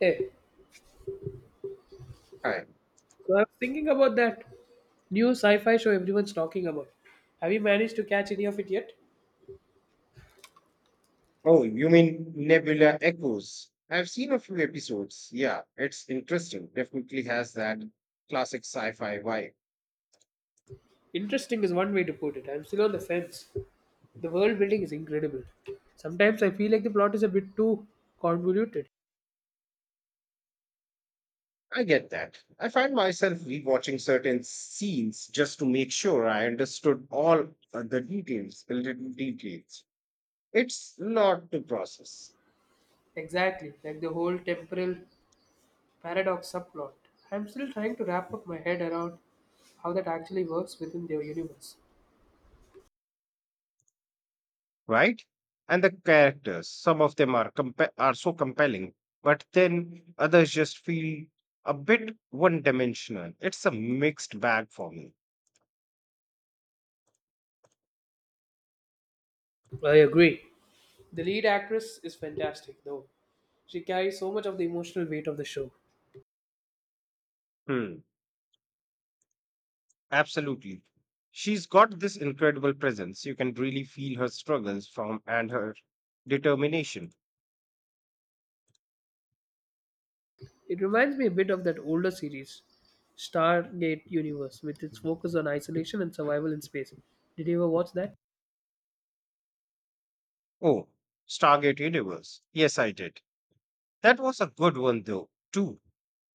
Hey, Hi. so I was thinking about that new sci-fi show everyone's talking about. Have you managed to catch any of it yet? Oh, you mean Nebula Echoes? I've seen a few episodes. Yeah, it's interesting. Definitely has that classic sci fi vibe. Interesting is one way to put it. I'm still on the fence. The world building is incredible. Sometimes I feel like the plot is a bit too convoluted. I get that. I find myself rewatching certain scenes just to make sure I understood all the details, the little details. It's not the process, Exactly, like the whole temporal paradox subplot. I'm still trying to wrap up my head around how that actually works within their universe. right? And the characters, some of them are compa- are so compelling, but then others just feel a bit one dimensional. It's a mixed bag for me. I agree. The lead actress is fantastic, though. She carries so much of the emotional weight of the show. Hmm, absolutely. She's got this incredible presence. You can really feel her struggles from and her determination. It reminds me a bit of that older series, Stargate Universe, with its focus on isolation and survival in space. Did you ever watch that? Oh, Stargate Universe. Yes, I did. That was a good one though, too,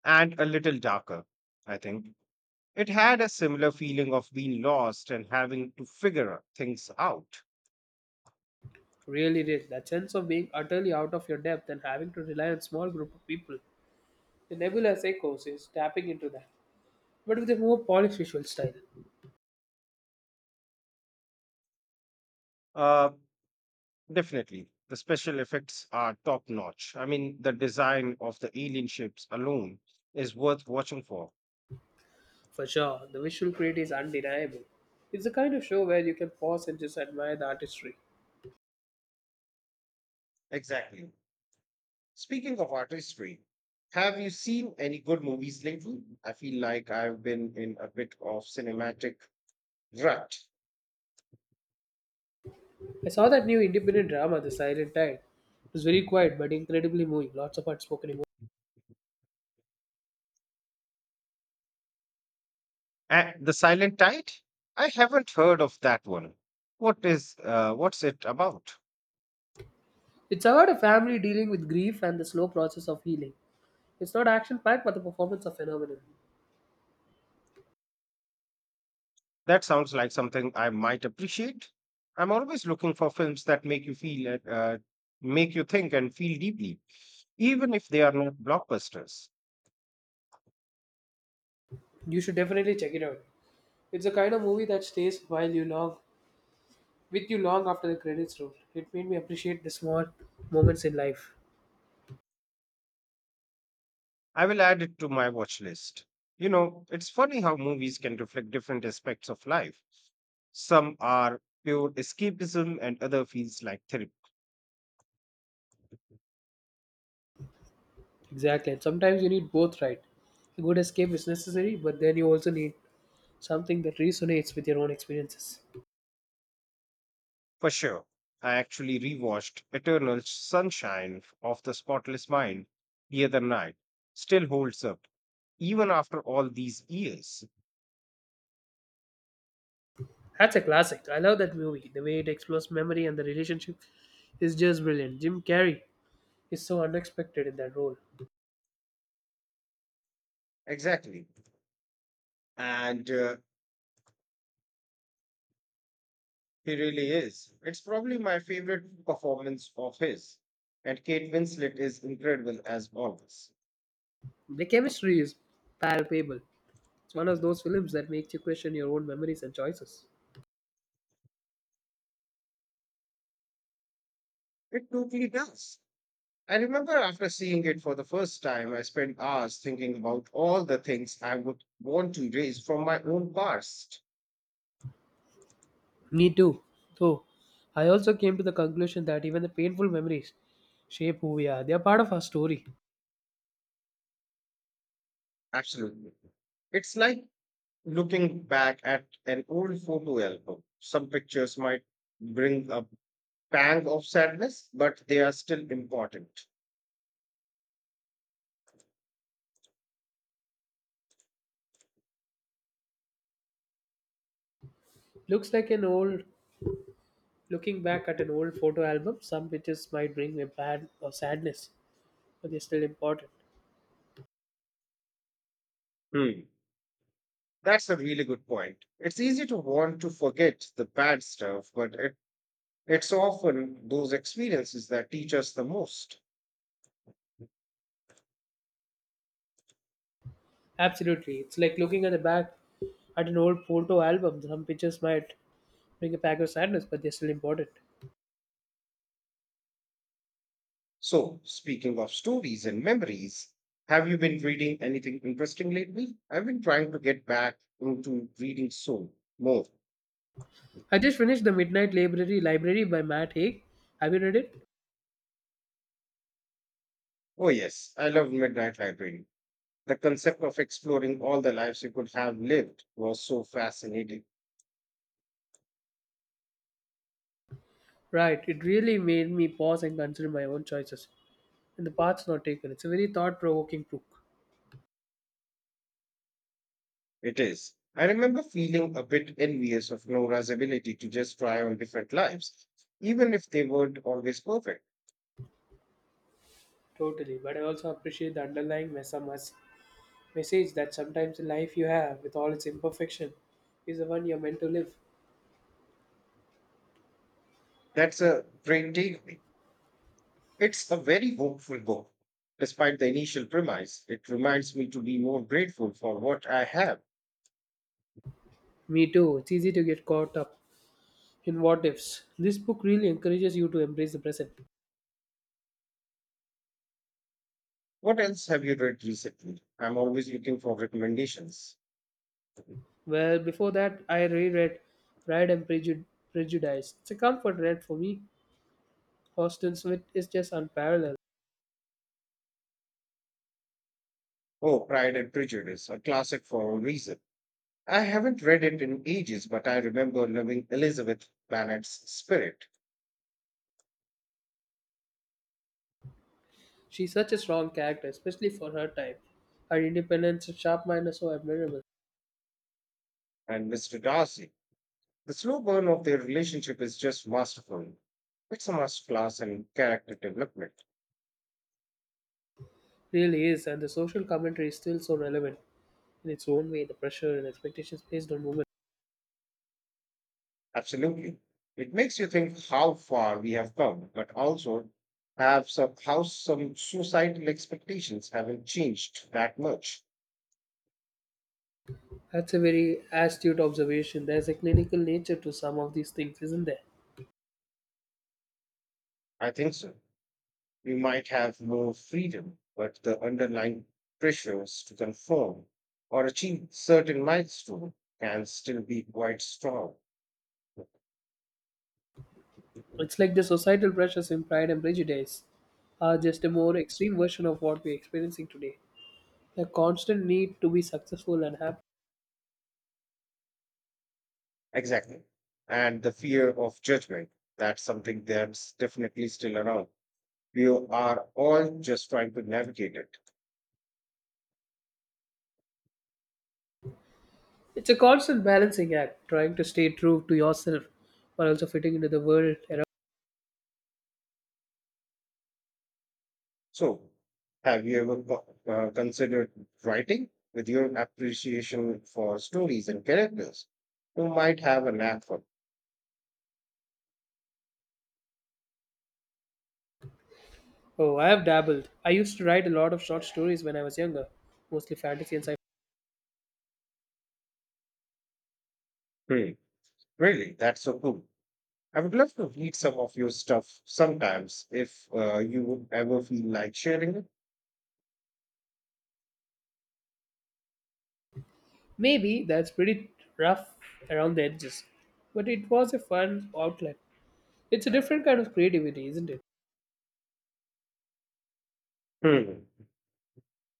and a little darker, I think. It had a similar feeling of being lost and having to figure things out. Really did. That sense of being utterly out of your depth and having to rely on a small group of people. The Nebula's Echoes is tapping into that, but with a more polished visual style. Uh, Definitely. The special effects are top notch. I mean, the design of the alien ships alone is worth watching for. For sure, the visual creativity is undeniable. It's the kind of show where you can pause and just admire the artistry. Exactly. Speaking of artistry, have you seen any good movies lately? I feel like I've been in a bit of cinematic rut. I saw that new independent drama, The Silent Tide. It was very quiet but incredibly moving, lots of unspoken emotion. And the Silent Tide? I haven't heard of that one. What is what's it about? It's about a family dealing with grief and the slow process of healing. It's not action packed, but the performance are phenomenal. That sounds like something I might appreciate. I'm always looking for films that make you feel, make you think and feel deeply, even if they are not blockbusters. You should definitely check it out. It's a kind of movie that stays while you long with you long after the credits roll. It made me appreciate the small moments in life. I will add it to my watch list. You know, it's funny how movies can reflect different aspects of life. Some are pure escapism and other feels like therapy. Exactly. And sometimes you need both, right? A good escape is necessary, but then you also need something that resonates with your own experiences. For sure, I actually rewatched Eternal Sunshine of the Spotless Mind the other night. Still holds up, even after all these years. That's a classic. I love that movie. The way it explores memory and the relationship is just brilliant. Jim Carrey is so unexpected in that role. Exactly. And he really is. It's probably my favorite performance of his. And Kate Winslet is incredible as always. The chemistry is palpable. It's one of those films that makes you question your own memories and choices. It totally does. I remember after seeing it for the first time, I spent hours thinking about all the things I would want to erase from my own past. Me too. So, I also came to the conclusion that even the painful memories shape who we are. They are part of our story. Absolutely. It's like looking back at an old photo album. Some pictures might bring a pang of sadness, but they are still important. Looks like an old Looking back at an old photo album, some pictures might bring a bad or sadness, but they're still important. Hmm. That's a really good point. It's easy to want to forget the bad stuff, but it's often those experiences that teach us the most. Absolutely. It's like looking at the back at an old photo album. Some pictures might bring a pack of sadness, but they're still important. So, speaking of stories and memories, have you been reading anything interesting lately? I've been trying to get back into reading so more. I just finished The Midnight Library by Matt Haig. Have you read it? Oh, yes, I love Midnight Library. The concept of exploring all the lives you could have lived was so fascinating. Right, it really made me pause and consider my own choices and the paths not taken. It's a very thought provoking book. It is. I remember feeling a bit envious of Nora's ability to just try on different lives, even if they weren't always perfect. Totally, but I also appreciate the underlying message that sometimes the life you have, with all its imperfection, is the one you're meant to live. That's a great takeaway. It's a very hopeful book. Despite the initial premise, it reminds me to be more grateful for what I have. Me too, it's easy to get caught up in what ifs. This book really encourages you to embrace the present. What else have you read recently? I'm always looking for recommendations. Well, before that, I reread Pride and Prejudice. It's a comfort read for me. Austin Smith is just unparalleled. Oh, Pride and Prejudice, a classic for a reason. I haven't read it in ages, but I remember loving Elizabeth Bennet's spirit She's such a strong character, especially for her time. Her independence and sharp mind are so admirable. and Mr. Darcy. The slow burn of their relationship is just masterful. It's a masterclass in character development. Really is, and the social commentary is still so relevant. In its own way, the pressure and expectations placed on women. Absolutely. It makes you think how far we have come, but also how some societal expectations haven't changed that much. That's a very astute observation. There's a clinical nature to some of these things, isn't there? I think so. We might have more freedom, but the underlying pressures to conform or achieve certain milestone can still be quite strong. It's like the societal pressures in Pride and Prejudice are just a more extreme version of what we're experiencing today. The constant need to be successful and happy. Exactly. And the fear of judgment, that's something that's definitely still around. We are all just trying to navigate it. It's a constant balancing act, trying to stay true to yourself while also fitting into the world around. So, have you ever considered writing with your appreciation for stories and characters? You might have a knack for Oh, I have dabbled. I used to write a lot of short stories when I was younger, mostly fantasy and sci-fi. it. Hmm. Really, that's so cool. I would love to read some of your stuff sometimes if you would ever feel like sharing it. Maybe that's pretty rough around the edges, but it was a fun outlet. It's a different kind of creativity, isn't it? Hmm.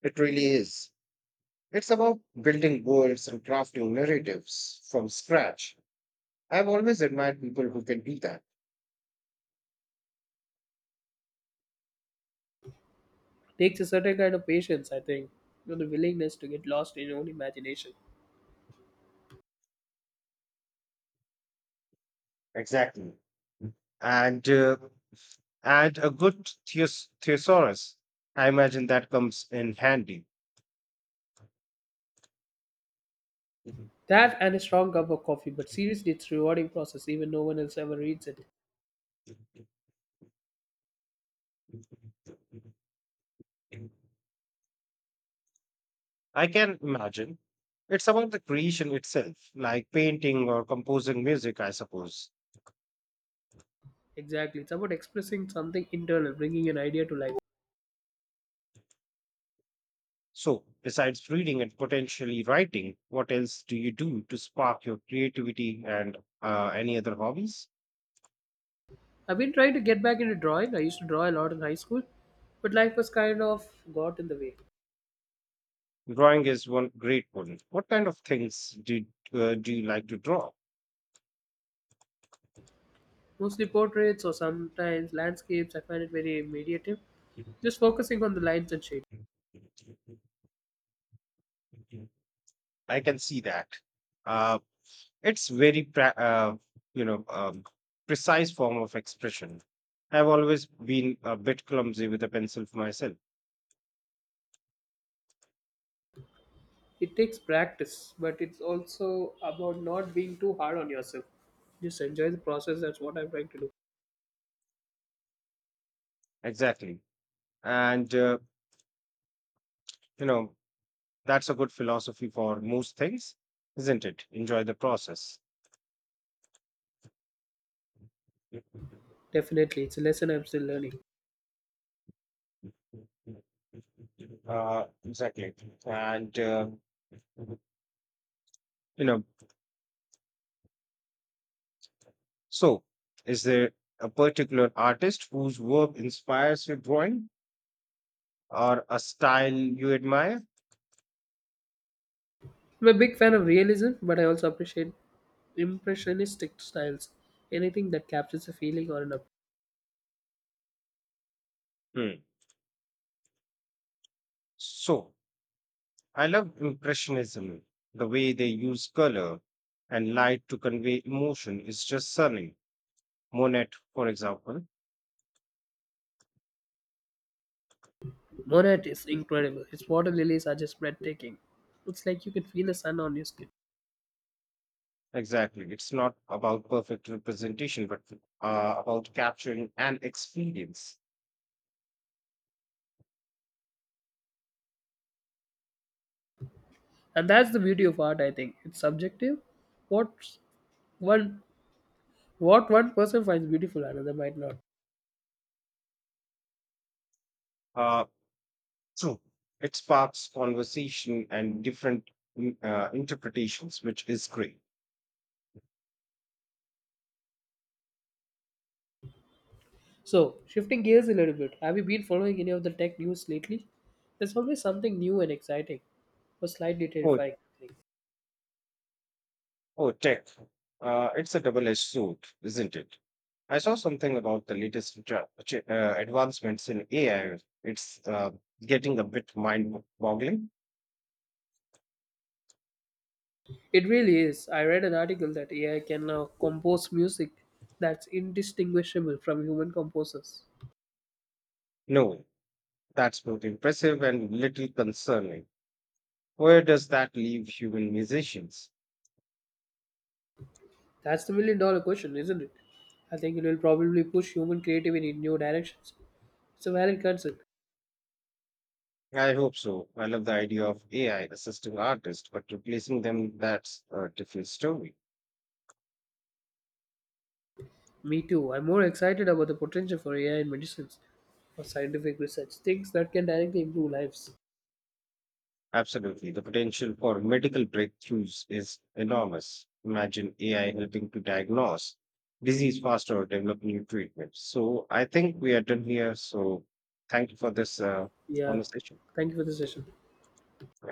It really is. It's about building worlds and crafting narratives from scratch. I've always admired people who can do that. Takes a certain kind of patience, I think, and the willingness to get lost in your own imagination. Exactly. And a good thesaurus. I imagine that comes in handy. That and a strong cup of coffee, but seriously, it's a rewarding process, even no one else ever reads it. I can imagine. It's about the creation itself, like painting or composing music, I suppose. Exactly. It's about expressing something internal, bringing an idea to life. So, besides reading and potentially writing, what else do you do to spark your creativity and any other hobbies? I've been trying to get back into drawing. I used to draw a lot in high school, but life was kind of got in the way. Drawing is one great one. What kind of things do you like to draw? Mostly portraits or sometimes landscapes. I find it very meditative. Just focusing on the lines and shapes. I can see that. Uh, it's very, you know, um, precise form of expression. I've always been a bit clumsy with a pencil for myself. It takes practice, but it's also about not being too hard on yourself. Just enjoy the process. That's what I'm trying to do. Exactly, and you know that's a good philosophy for most things, isn't it? Enjoy the process. Definitely, it's a lesson I'm still learning. Exactly, and you know. So, is there a particular artist whose work inspires your drawing, or a style you admire? I'm a big fan of realism, but I also appreciate impressionistic styles. Anything that captures a feeling or an. Hmm. So, I love Impressionism. The way they use color and light to convey emotion is just stunning. Monet, for example, Monet is incredible. His water lilies are just breathtaking. It's like you can feel the sun on your skin. exactly. It's not about perfect representation, but about capturing an experience. And that's the beauty of art, I think. It's subjective. What one what one person finds beautiful, another might not. Uh, so, it sparks conversation and different interpretations, which is great. So, shifting gears a little bit, have you been following any of the tech news lately? There's always something new and exciting, or slightly Oh, terrifying. I think. Oh, tech. It's a double-edged sword, isn't it? I saw something about the latest advancements in AI. It's getting a bit mind-boggling. It really is. I read an article that AI can now compose music that's indistinguishable from human composers. No, that's both impressive and little concerning. Where does that leave human musicians? That's the million dollar question, isn't it? I think it will probably push human creativity in new directions. It's a valid concern. I hope so. I love the idea of AI assisting artists, but replacing them, that's a different story. Me too. I'm more excited about the potential for AI in medicines, for scientific research, things that can directly improve lives. Absolutely. The potential for medical breakthroughs is enormous. Imagine AI helping to diagnose disease faster or develop new treatments. So I think we are done here. So thank you for this Yeah. conversation. Thank you for the session. Yeah.